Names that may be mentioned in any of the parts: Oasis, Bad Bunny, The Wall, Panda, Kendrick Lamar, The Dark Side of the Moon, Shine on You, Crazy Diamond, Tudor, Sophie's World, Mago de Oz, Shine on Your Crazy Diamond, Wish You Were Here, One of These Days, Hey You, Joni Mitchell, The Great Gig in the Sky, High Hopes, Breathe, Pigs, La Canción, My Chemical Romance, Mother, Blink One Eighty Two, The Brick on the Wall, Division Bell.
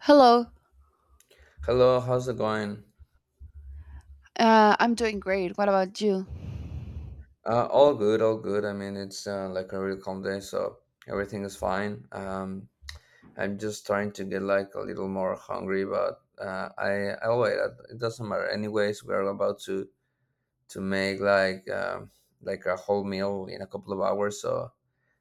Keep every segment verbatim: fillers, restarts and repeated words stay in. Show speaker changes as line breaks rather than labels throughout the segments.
Hello.
Hello, how's it going?
Uh, I'm doing great. What about you?
Uh, all good, all good. I mean, it's uh, like a really calm day, so everything is fine. Um, I'm just trying to get like a little more hungry, but uh, I I'll wait. uh, It doesn't matter. Anyways, we're about to to make like um like a whole meal in a couple of hours, so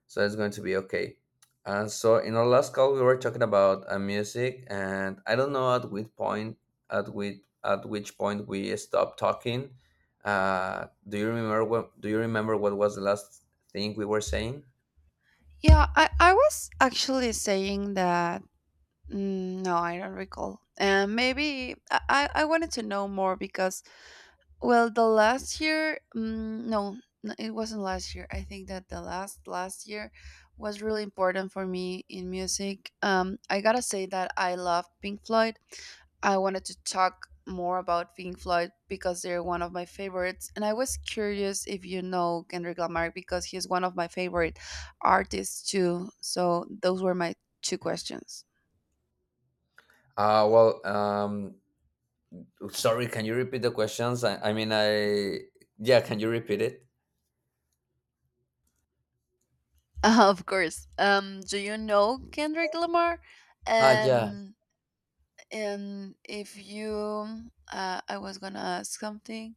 so it's going to be okay. Uh, so in our last call, we were talking about uh, music, and I don't know at which point at which at which point we stopped talking. Uh, do you remember what? Do you remember what was the last thing we were saying?
Yeah, I, I was actually saying that. Mm, no, I don't recall. And maybe I, I I wanted to know more because well, the last year, mm, no, n- it wasn't last year. I think that the last last year was really important for me in music. Um, I gotta say that I love Pink Floyd. I wanted to talk more about Pink Floyd because they're one of my favorites, and I was curious if you know Kendrick Lamar because he's one of my favorite artists too. So those were my two questions.
Uh, well, um, Sorry, can you repeat the questions? I, I mean, I yeah, can you repeat it?
Of course. Um, do you know Kendrick Lamar?
Ah, yeah.
And And if you, uh, I was gonna ask something.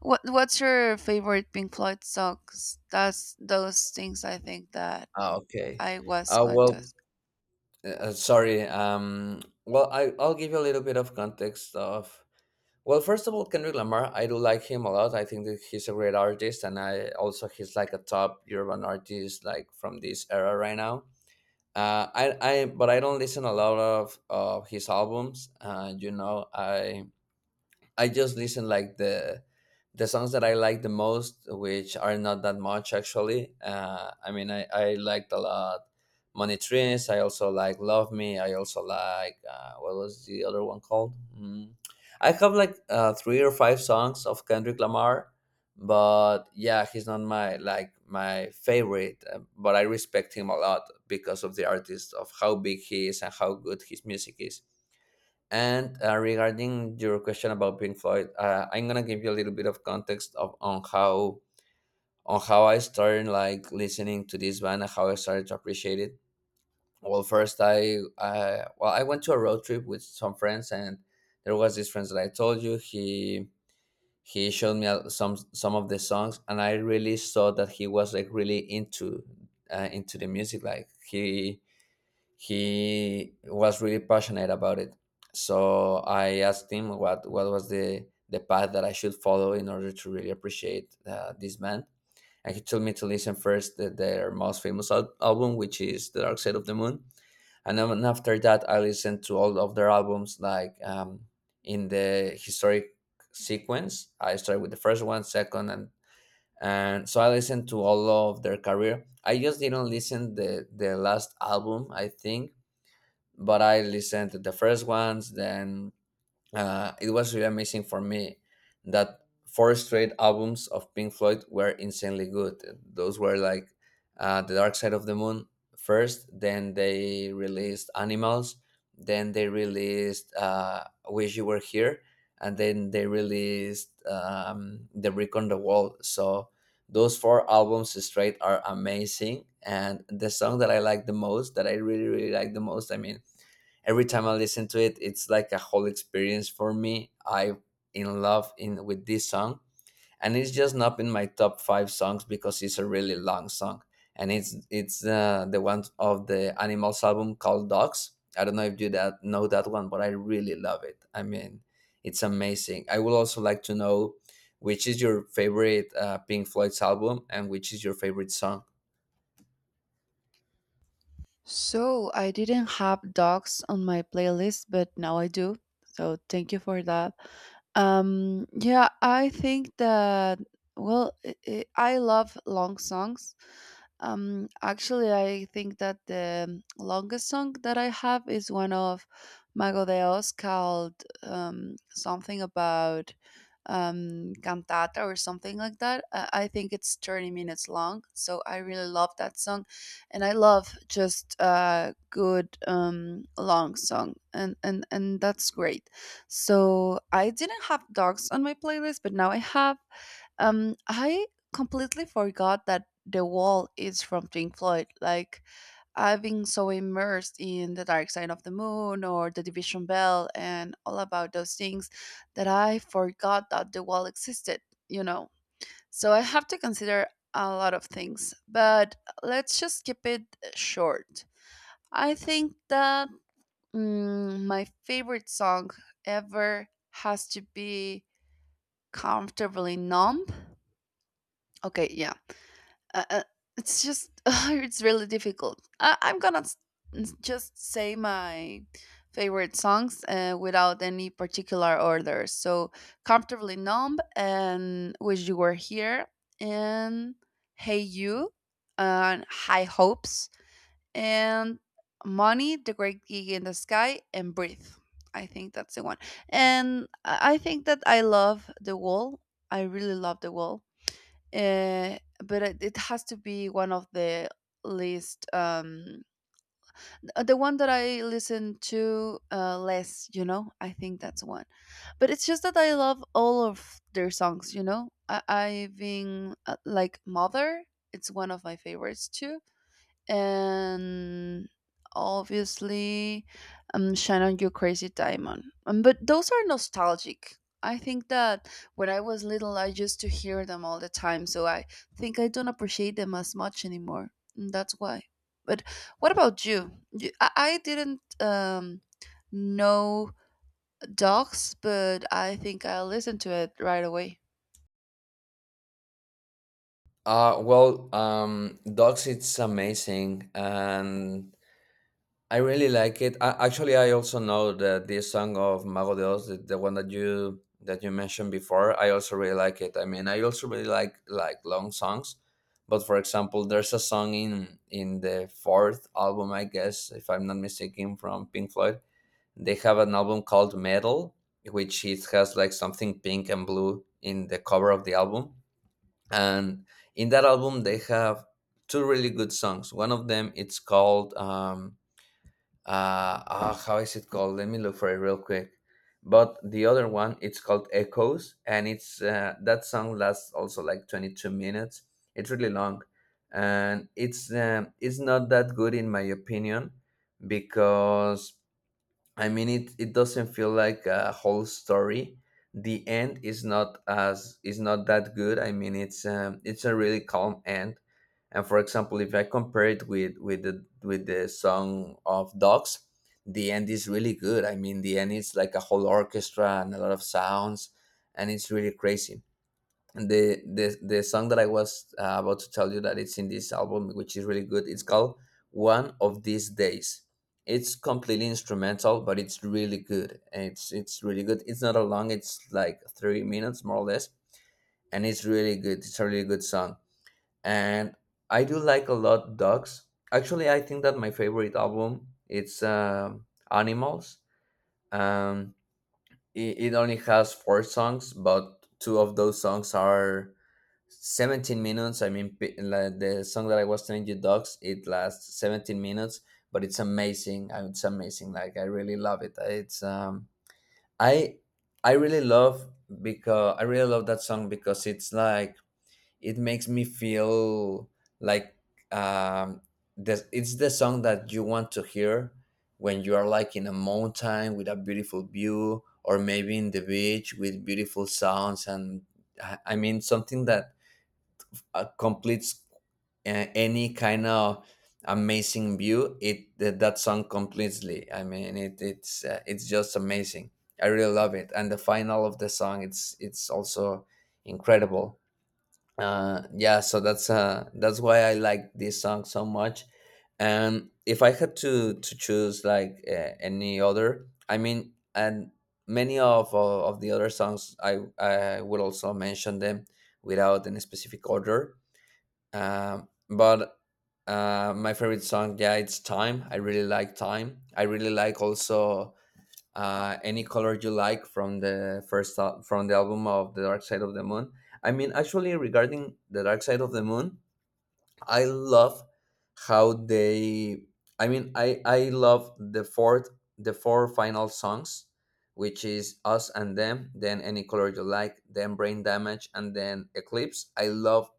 What What's your favorite Pink Floyd songs? That's those things I think that
Ah, okay.
I was
Uh,
going
well,
to ask.
uh, sorry. Um, well, I I'll give you a little bit of context of. Well, first of all, Kendrick Lamar, I do like him a lot. I think that he's a great artist, and I also he's like a top urban artist, like from this era right now. Uh, I I But I don't listen a lot of of his albums. Uh, you know, I I just listen like the the songs that I like the most, which are not that much actually. Uh, I mean, I, I liked a lot Money Trees. I also like Love Me. I also like, uh, what was the other one called? Mm. I have like uh, three or five songs of Kendrick Lamar, but yeah, he's not my like my favorite, uh, but I respect him a lot because of the artist, of how big he is and how good his music is. And uh, regarding your question about Pink Floyd, uh, I'm gonna give you a little bit of context of on how on how I started like listening to this band and how I started to appreciate it. Well, first I uh, well I went to a road trip with some friends, and there was this friend that I told you. He he showed me uh, some some of the songs, and I really saw that he was like really into uh, into the music. Like he he was really passionate about it. So I asked him what what was the the path that I should follow in order to really appreciate uh, this band. And he told me to listen first to their most famous al- album, which is The Dark Side of the Moon. And then after that, I listened to all of their albums, like um, in the historic sequence. I started with the first one, second, and and so I listened to all of their career. I just didn't listen the the last album, I think, but I listened to the first ones. Then uh, it was really amazing for me that four straight albums of Pink Floyd were insanely good. Those were like uh, The Dark Side of the Moon first, then they released Animals, then they released uh, Wish You Were Here, and then they released um, The Brick on the Wall. So those four albums straight are amazing. And the song that I like the most, that I really, really like the most, I mean, every time I listen to it, it's like a whole experience for me. I am in love in with this song, and it's just not in my top five songs because it's a really long song, and it's it's uh, the one of the Animals album called Dogs. I don't know if you that know that one, but I really love it. I mean, it's amazing. I would also like to know which is your favorite uh, Pink Floyd's album and which is your favorite song.
So I didn't have dogs on my playlist, but now I do. So thank you for that. Um, yeah, I think that well, i i I love long songs. Um, actually, I think that the longest song that I have is one of Mago de Oz called um, something about um, cantata or something like that. I, I think it's thirty minutes long, so I really love that song. And I love just a good um, long song, and, and, and that's great. So I didn't have dogs on my playlist, but now I have. Um, I completely forgot that The Wall is from Pink Floyd. Like I've been so immersed in The Dark Side of the Moon or The Division Bell and all about those things that I forgot that The Wall existed. You know, so I have to consider a lot of things. But let's just keep it short. I think that Mm, my favorite song ever has to be "Comfortably Numb." Okay, yeah, uh, uh, it's just it's really difficult. I- I'm gonna s- s- just say my favorite songs uh, without any particular order. So, "Comfortably Numb" and "Wish You Were Here" and "Hey You" and "High Hopes" and Money, The Great Gig in the Sky, and Breathe. I think that's the one. And I I think that I love The Wall. I really love The Wall. Uh, but it it has to be one of the least, um, uh, the one that I listen to uh, less, you know? I think that's one. But it's just that I love all of their songs, you know? I- I've been uh, like Mother, it's one of my favorites too, and obviously um, shine on your crazy diamond, um, but those are nostalgic. I think that when I was little I used to hear them all the time, so I think I don't appreciate them as much anymore, and that's why. But what about you? You- i, I didn't um, know dogs, but I think I listened to it right away.
Uh, well, um, Dogs, it's amazing, and I really like it. I, actually, I also know that this song of Mago de Oz, the, the one that you that you mentioned before, I also really like it. I mean, I also really like like long songs, but for example, there's a song in in the fourth album, I guess, if I'm not mistaken, from Pink Floyd. They have an album called Metal, which it has like something pink and blue in the cover of the album, and in that album they have two really good songs. One of them it's called. Um, uh, uh how is it called, let me look for it real quick, but the other one it's called Echoes, and it's uh, that song lasts also like twenty-two minutes. It's really long, and it's um, it's not that good in my opinion because I mean, it, it doesn't feel like a whole story. The end is not as is not that good. I mean, it's um, it's a really calm end. And for example, if I compare it with with the with the song of Dogs, the end is really good. I mean, the end is like a whole orchestra and a lot of sounds, and it's really crazy. The the the song that I was uh, about to tell you that it's in this album, which is really good. It's called "One of These Days." It's completely instrumental, but it's really good. And It's it's really good. It's not a long. It's like three minutes more or less, and it's really good. It's a really good song, and I do like a lot Dogs. Actually, I think that my favorite album it's um Animals. Um, it, it only has four songs, but two of those songs are seventeen minutes. I mean, pi- like the song that I was telling you, Dogs, it lasts seventeen minutes, but it's amazing. Uh, It's amazing. Like I really love it. Uh, It's um, I I really love because I really love that song because it's like it makes me feel like um, this, it's the song that you want to hear when you are like in a mountain with a beautiful view or maybe in the beach with beautiful sounds, and i I mean something that uh, completes uh, any kind of amazing view. It that, that song completely, I mean, it, it's uh, it's just amazing. I really love it, and the final of the song, it's it's also incredible. Uh yeah, so that's uh that's why I like this song so much. And if I had to to choose like uh, any other, I mean, and many of uh, of the other songs, i i would also mention them without any specific order. Um but uh my favorite song, yeah, it's Time. I really like Time. I really like also uh, Any Color You Like from the first al- from the album of The Dark Side of the Moon. I mean, actually, regarding The Dark Side of the Moon, I love how they. I mean, I I love the fourth, the four final songs, which is Us and Them, then Any Color You Like, then Brain Damage, and then Eclipse. I love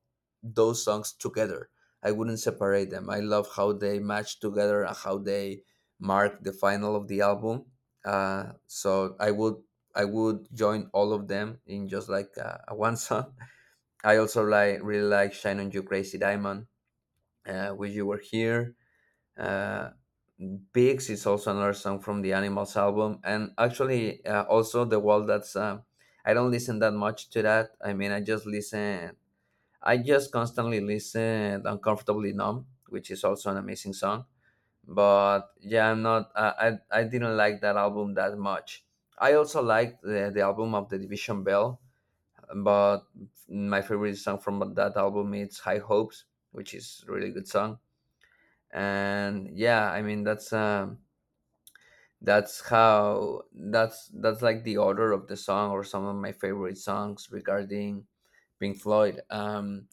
those songs together. I wouldn't separate them. I love how they match together and how they mark the final of the album. Uh, so I would I would join all of them in just like uh, one song. I also like really like "Shine on You, Crazy Diamond," uh, Wish You Were Here. Uh, Pigs is also another song from the Animals album, and actually uh, also The Wall. That's uh, I don't listen that much to that. I mean, I just listen. I just constantly listen Uncomfortably Numb, which is also an amazing song. But yeah, I'm not. I I, I didn't like that album that much. I also liked the, the album of The Division Bell, but my favorite song from that album is High Hopes, which is a really good song. And yeah i mean that's um that's how that's that's like the order of the song, or some of my favorite songs regarding Pink Floyd. um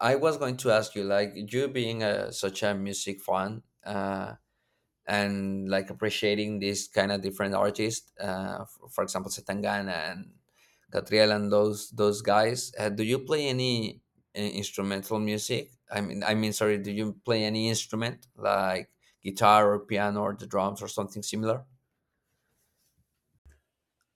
I was going to ask you, like, you being a, such a music fan, uh and like appreciating these kind of different artists, uh, f- for example Setangana and Catriel and those those guys, uh, do you play any uh, instrumental music I mean I mean sorry do you play any instrument like guitar or piano or the drums or something similar?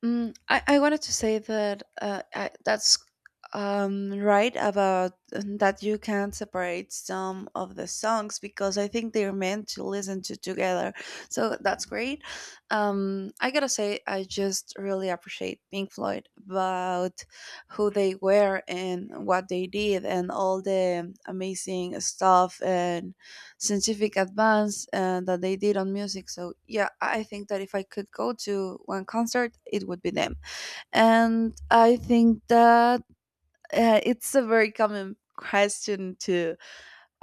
Mm, I, I wanted to say that uh, I, that's um, right about um, that you can't separate some of the songs because I think they're meant to listen to together. So that's great. Um, I gotta say, I just really appreciate Pink Floyd about who they were and what they did and all the amazing stuff and scientific advance uh, that they did on music. So yeah, I think that if I could go to one concert, it would be them. And I think that uh, it's a very common question to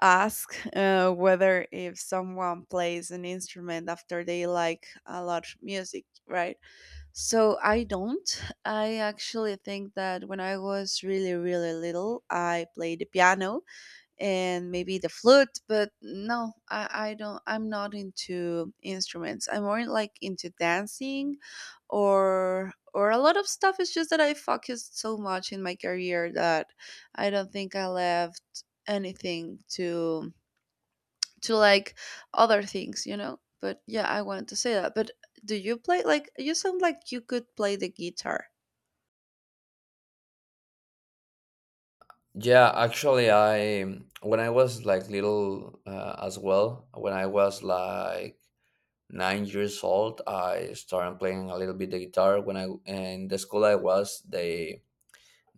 ask uh, whether if someone plays an instrument after they like a lot of music, right? So I don't I actually think that when I was really really little I played the piano and maybe the flute, but no, I, I don't. I'm not into instruments. I'm more like into dancing or or a lot of stuff. It's just that I focused so much in my career that I don't think I left anything to to like other things, you know? But yeah, I wanted to say that. But do you play? Like you sound like you could play the guitar.
Yeah, actually, I when I was like little uh, as well, when I was like nine years old, I started playing a little bit the guitar. When I in the school I was, they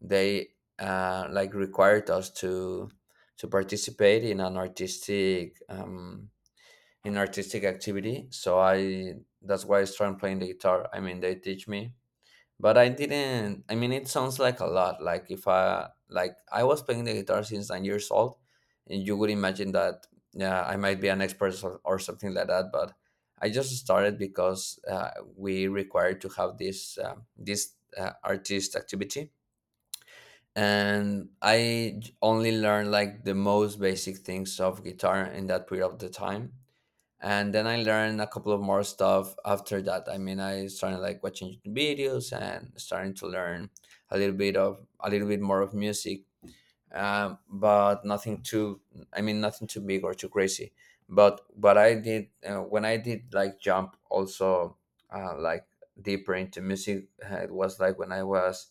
they uh, like required us to to participate in an artistic um, in artistic activity, so I that's why I started playing the guitar. I mean, they teach me, but I didn't. I mean, it sounds like a lot, like if I, like I was playing the guitar since nine years old and you would imagine that, yeah, I might be an expert or or something like that, but I just started because uh, we required to have this um this uh, artist activity. And I j- only learned like the most basic things of guitar in that period of the time. And then I learned a couple of more stuff after that. I mean, I started like watching YouTube videos and starting to learn a little bit of a little bit more of music, um, but nothing too. I mean, nothing too big or too crazy. But but I did, uh, when I did like jump also, uh, like deeper into music. uh, It was like when I was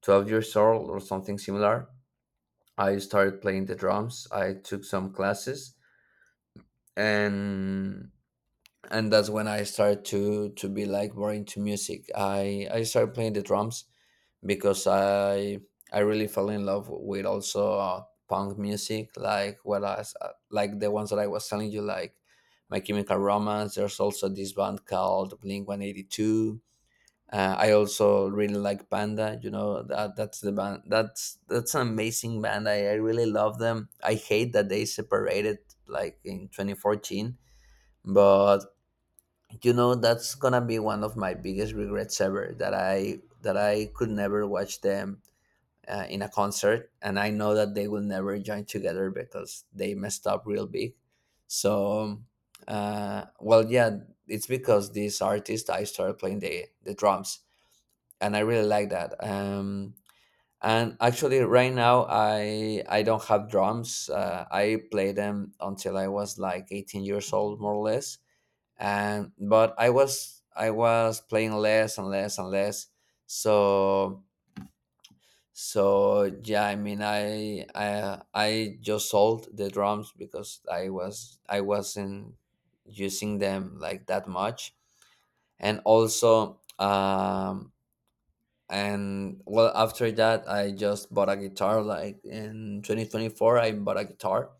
twelve years old or something similar. I started playing the drums. I took some classes and and that's when I started to to be like more into music. I I started playing the drums because I I really fell in love with also uh, punk music, like what I s- uh, like the ones that I was telling you, like My Chemical Romance. There's also this band called Blink One Eighty Two. Uh, I also really like Panda. You know that that's the band. That's that's an amazing band. I, I really love them. I hate that they separated like in twenty fourteen, but you know that's gonna be one of my biggest regrets ever, That I that I could never watch them uh, in a concert, and I know that they will never join together because they messed up real big. So, uh, well, yeah, it's because this artist I started playing the the drums and I really like that. Um, and actually, right now I I don't have drums. Uh, I played them until I was like eighteen years old, more or less. And but I was I was playing less and less and less. So so yeah, I mean I I I just sold the drums because I was I wasn't using them like that much. And also um, and well, after that, I just bought a guitar like in twenty twenty-four. I bought a guitar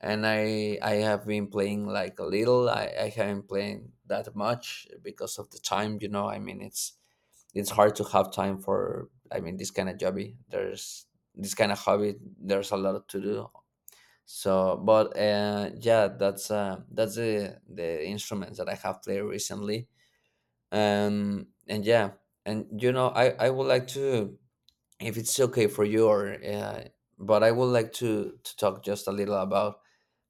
and i i have been playing like a little. i, I haven't played that much because of the time, you know. I mean, it's it's hard to have time for, I mean, this kind of hobby there's this kind of hobby, there's a lot to do. So, but uh yeah, that's uh that's the the instruments that I have played recently. Um and yeah, and you know, i i would like to, if it's okay for you, or uh, but I would like to to talk just a little about,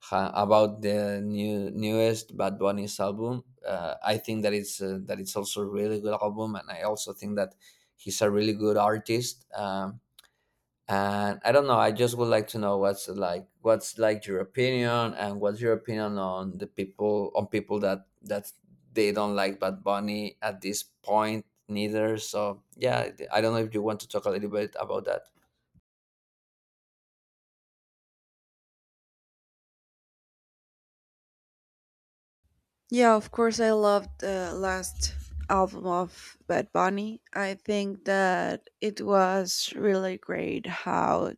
ha- about the new newest Bad Bunny's album. uh, I think that it's uh, that it's also a really good album, and I also think that he's a really good artist. Um and I don't know, I just would like to know what's like, what's like your opinion, and what's your opinion on the people on people that that they don't like Bad Bunny at this point neither. So yeah, I don't know if you want to talk a little bit about that.
Yeah, of course, I loved the last album of Bad Bunny. I think that it was really great how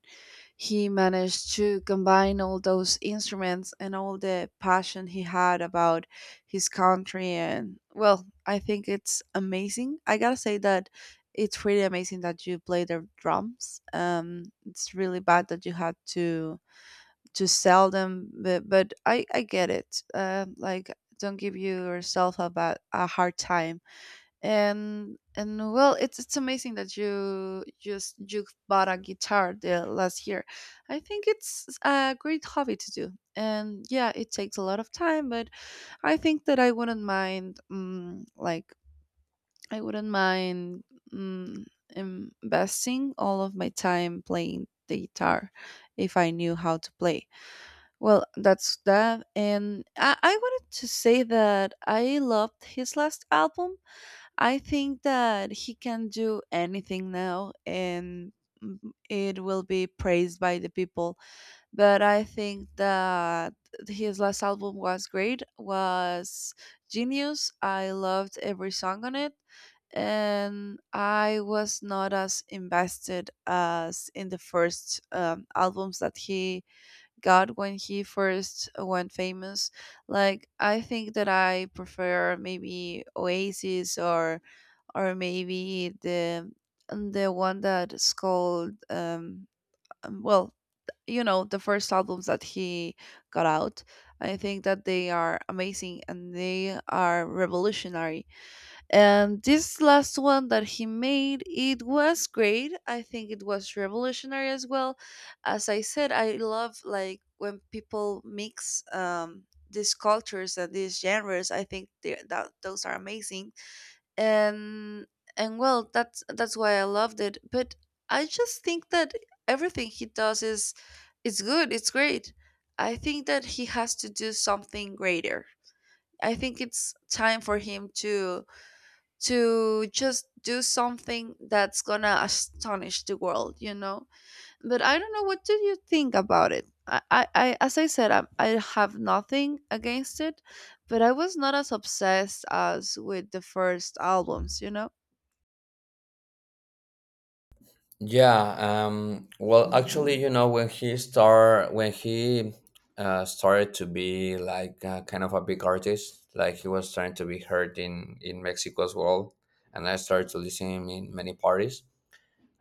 he managed to combine all those instruments and all the passion he had about his country. And well, I think it's amazing. I gotta say that it's really amazing that you play the drums. Um, it's really bad that you had to to sell them, but but i i get it, uh, like don't give you yourself about a hard time. and and well, it's it's amazing that you just you bought a guitar the last year. I think it's a great hobby to do, and yeah, it takes a lot of time, but I think that I wouldn't mind, um, like I wouldn't mind um, investing all of my time playing the guitar if I knew how to play. Well, that's that. And I, I wanted to say that I loved his last album. I think that he can do anything now, and mm, it will be praised by the people. But I think that his last album was great, was genius. I loved every song on it. And I was not as invested as in the first um, albums that he God when he first went famous. Like I think that I prefer maybe Oasis, or or maybe the the one that's called um um, well, you know, the first albums that he got out. I think that they are amazing and they are revolutionary, and this last one that he made, it was great. I think it was revolutionary as well. As I said, I love like when people mix um, these cultures and these genres. I think they- that those are amazing. And and well, that's that's why I loved it. But I just think that everything he does is it's good. It's great. I think that he has to do something greater. I think it's time for him to to just do something that's gonna astonish the world, you know? But I don't know, what do you think about it? I, I, I as I said, I, I have nothing against it, but I was not as obsessed as with the first albums, you know?
Yeah, um well, actually, you know, when he start when he uh, started to be like uh, kind of a big artist, like he was trying to be heard in in Mexico as well, and I started to listen him in many parties.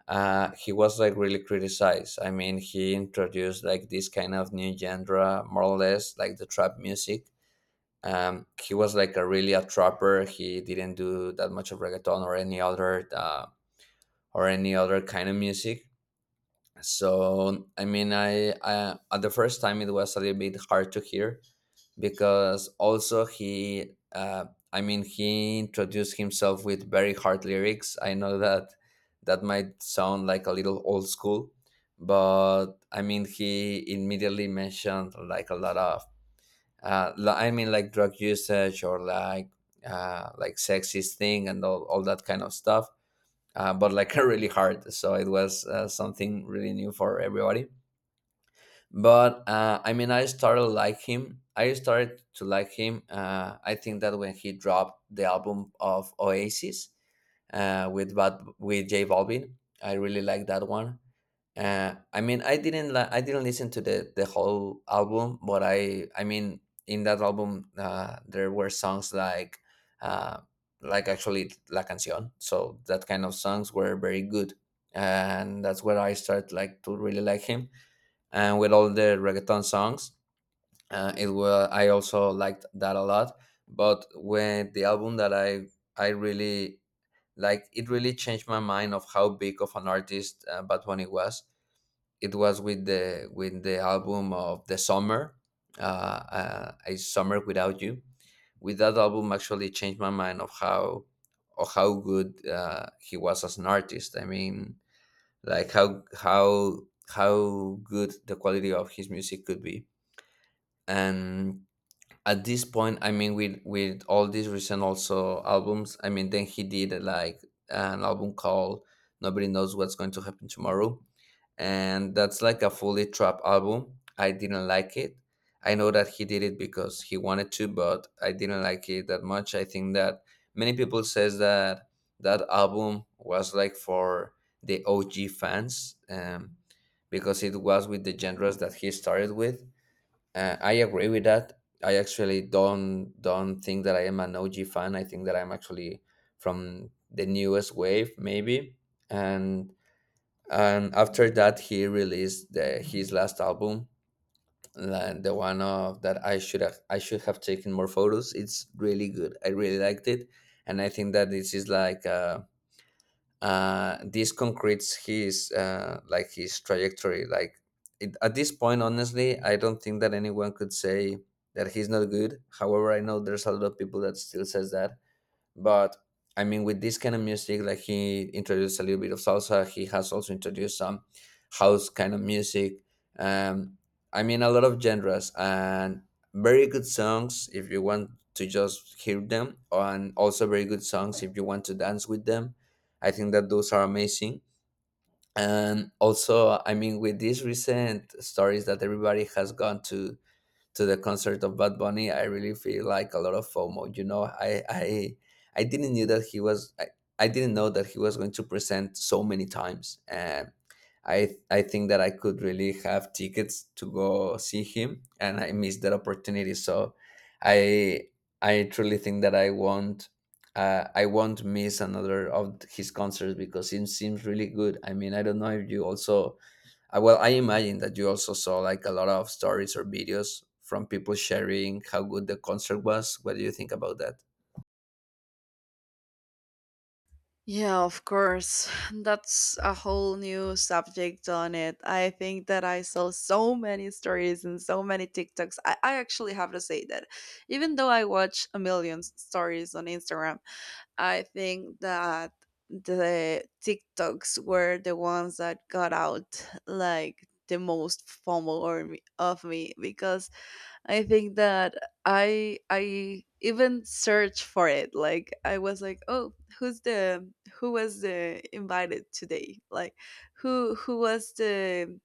uh, He was like really criticized. I mean, he introduced like this kind of new genre, more or less like the trap music. Um, he was like a really a trapper. He didn't do that much of reggaeton or any other, uh, or any other kind of music. So I mean, I, I, at the first time, it was a little bit hard to hear, because also he uh, I mean, he introduced himself with very hard lyrics. I know that that might sound like a little old school, but I mean, he immediately mentioned like a lot of, uh, li- I mean, like drug usage, or like uh, like sexist thing, and all, all that kind of stuff, uh, but like really hard, so it was uh, something really new for everybody. But uh, I mean, I started like him. I started to like him. Uh, I think that when he dropped the album of Oasis uh, with Bad, with J Balvin, I really liked that one. Uh, I mean, I didn't li- I didn't listen to the the whole album, but I I mean, in that album uh, there were songs like, uh, like actually La Canción, so that kind of songs were very good, and that's where I started like to really like him, and with all the reggaeton songs. Uh, it was, I also liked that a lot. But when the album that I I really like, it really changed my mind of how big of an artist uh, Bad Bunny was. It was with the with the album of the summer, uh, uh, a summer without you. With that album, actually changed my mind of how, of how good uh, he was as an artist. I mean, like how how how good the quality of his music could be. And at this point, I mean, with with all these recent also albums, I mean, then he did like an album called Nobody Knows What's Going to Happen Tomorrow, and that's like a fully trap album. I didn't like it. I know that he did it because he wanted to, but I didn't like it that much. I think that many people says that that album was like for the O G fans, um, because it was with the genres that he started with. Uh, I agree with that. I actually don't don't think that I am an O G fan. I think that I'm actually from the newest wave, maybe, and and after that he released the, his last album, and the one of that, i should have I should have taken more photos. It's really good. I really liked it. And I think that this is like, uh, uh this concretes his, uh like his trajectory. Like it, at this point, honestly, I don't think that anyone could say that he's not good. However, I know there's a lot of people that still says that, but I mean, with this kind of music, like he introduced a little bit of salsa. He has also introduced some house kind of music. Um, I mean, a lot of genres and very good songs if you want to just hear them, and also very good songs if you want to dance with them. I think that those are amazing. And also, I mean, with these recent stories that everybody has gone to to the concert of Bad Bunny, I really feel like a lot of FOMO. You know, I I I didn't knew that he was, I, I didn't know that he was going to present so many times. And I I think that I could really have tickets to go see him, and I missed that opportunity. So I I truly think that I won't. Uh, I won't miss another of his concerts because it seems really good. I mean, I don't know if you also, uh, well, I imagine that you also saw like a lot of stories or videos from people sharing how good the concert was. What do you think about that?
Yeah, of course. That's a whole new subject on it. I think that I saw so many stories and so many TikToks. I, I actually have to say that even though I watch a million s- stories on Instagram, I think that the TikToks were the ones that got out like the most FOMO or me, of me, because I think that I I even searched for it. Like I was like, oh, who's the who was the invited today? Like who who was the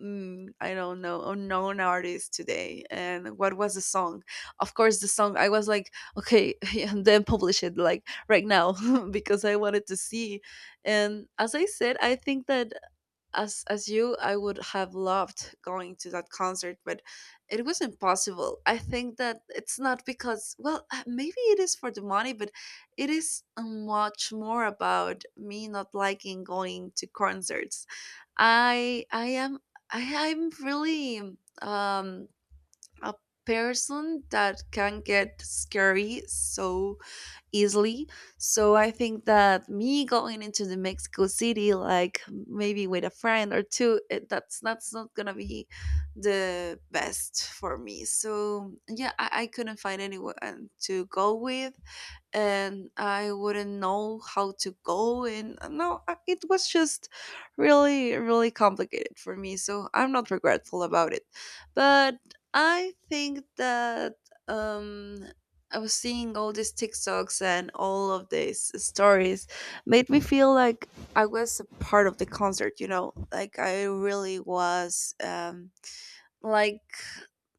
mm, I don't know, unknown artist today? And what was the song? Of course, the song. I was like, okay, and then publish it like right now because I wanted to see. And as I said, I think that as as you I would have loved going to that concert, but it was impossible. I think that it's not because, well, uh, maybe it is for the money, but it is uh, much more about me not liking going to concerts. I i am I, i'm really um a person that can get scary so easily. So I think that me going into the Mexico City, like maybe with a friend or two, it, that's that's not gonna be the best for me. So yeah, I, I couldn't find anyone to go with and I wouldn't know how to go. And uh, no, I- it was just really, really complicated for me. So I'm not regretful about it. But I think that, um, I was seeing all these TikToks and all of these stories made me feel like I was a part of the concert, you know, like I really was. Um, like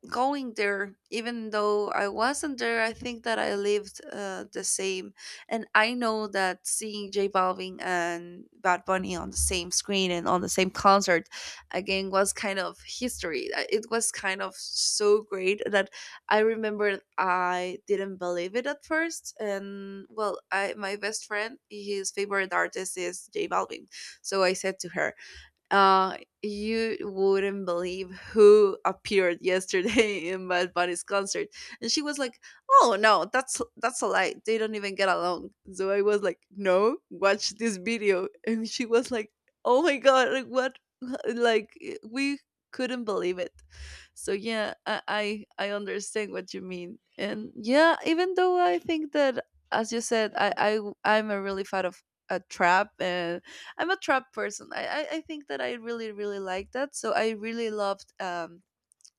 going there even though I wasn't there, I think that I lived uh, the same. And I know that seeing J Balvin and Bad Bunny on the same screen and on the same concert again was kind of history. Uh, it was kind of so great that I remember I didn't believe it at first. And well, I, my best friend, his favorite artist is J Balvin, so I said to her, uh, "You wouldn't believe who appeared yesterday in Bad Bunny's concert," and she was like, "Oh no, that's that's a lie. They don't even get along." So I was like, "No, watch this video," and she was like, "Oh my god, like what? Like eh, we couldn't believe it." So yeah, I I, I understand what you mean. And yeah, even though I think that, as you said, I I I'm a really fan of a trap, and I'm a trap person. I, I I think that I really really like that. So I really loved um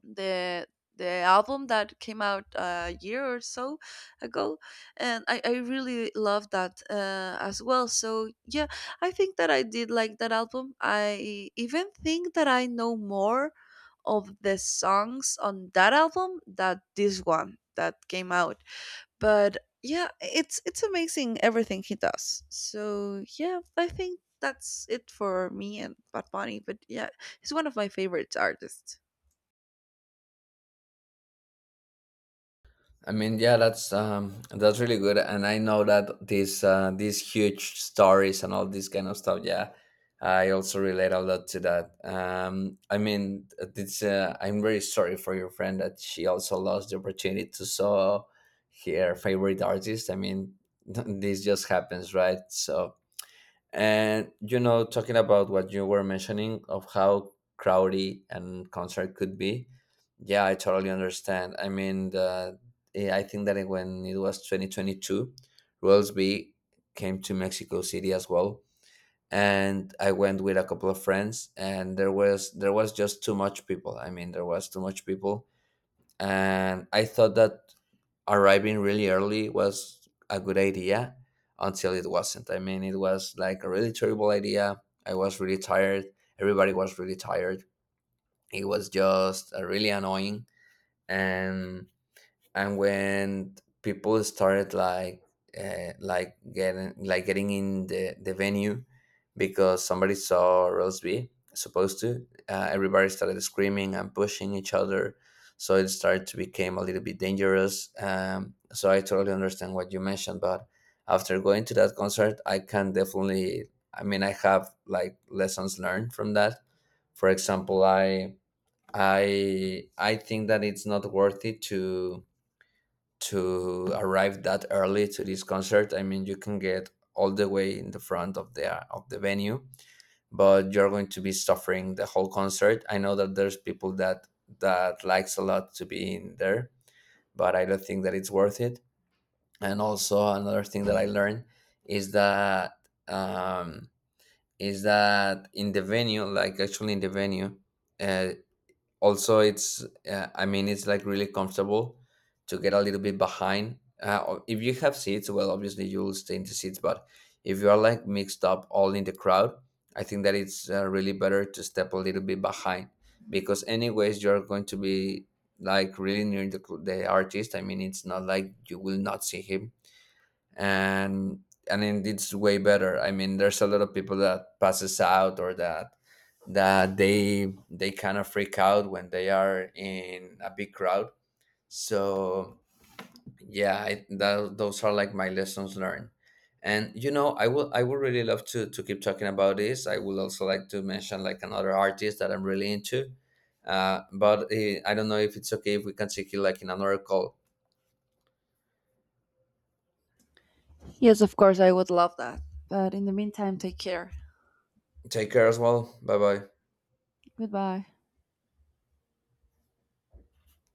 the the album that came out uh, a year or so ago, and I I really loved that uh, as well. So yeah, I think that I did like that album. I even think that I know more of the songs on that album that this one that came out. But yeah, it's it's amazing everything he does. So yeah, I think that's it for me and Bad Bunny. But yeah, he's one of my favorite artists.
I mean, yeah, that's um, that's really good, and I know that these uh, these huge stories and all this kind of stuff. Yeah, I also relate a lot to that. Um, I mean, it's uh, I'm very sorry for your friend that she also lost the opportunity to saw her favorite artist. I mean, this just happens, right? So. And you know, talking about what you were mentioning of how crowdy and concert could be, yeah, I totally understand. I mean, the, eh, I think that it- when it was twenty twenty-two, Rules B came to Mexico City as well, and I went with a couple of friends, and there was there was just too much people. I mean, there was too much people, and I thought that arriving really early was a good idea until it wasn't. I mean, it was like a really terrible idea. I was really tired. Everybody was really tired. It was just uh, really annoying. And and when people started like, uh, like getting like getting in the, the venue, because somebody saw Rose B supposed to, uh, everybody started screaming and pushing each other, so it started to become a little bit dangerous. Um, so I totally understand what you mentioned, but after going to that concert, I can definitely, I mean, I have like lessons learned from that. For example, I I I think that it's not worth it to to arrive that early to this concert. I mean, you can get all the way in the front of the of the venue, but you're going to be suffering the whole concert. I know that there's people that that likes a lot to be in there, but I don't think that it's worth it. And also another thing that I learned is that, um, is that in the venue, like actually in the venue, uh, also it's, uh, I mean, it's like really comfortable to get a little bit behind, uh, or if you have seats, well, obviously you'll stay in the seats, but if you are like mixed up all in the crowd, I think that it's uh, really better to step a little bit behind, because anyways you're going to be like really near the, the artist. I mean, it's not like you will not see him. And and then it's way better. I mean, there's a lot of people that passes out, or that that they they kind of freak out when they are in a big crowd. So yeah, I, that, those are like my lessons learned. And you know, I will I would really love to to keep talking about this. I would also like to mention like another artist that I'm really into. Uh, but uh, I don't know if it's okay if we can take you like in another call.
Yes, of course, I would love that. But in the meantime, take care.
Take care as well. Bye bye.
Goodbye.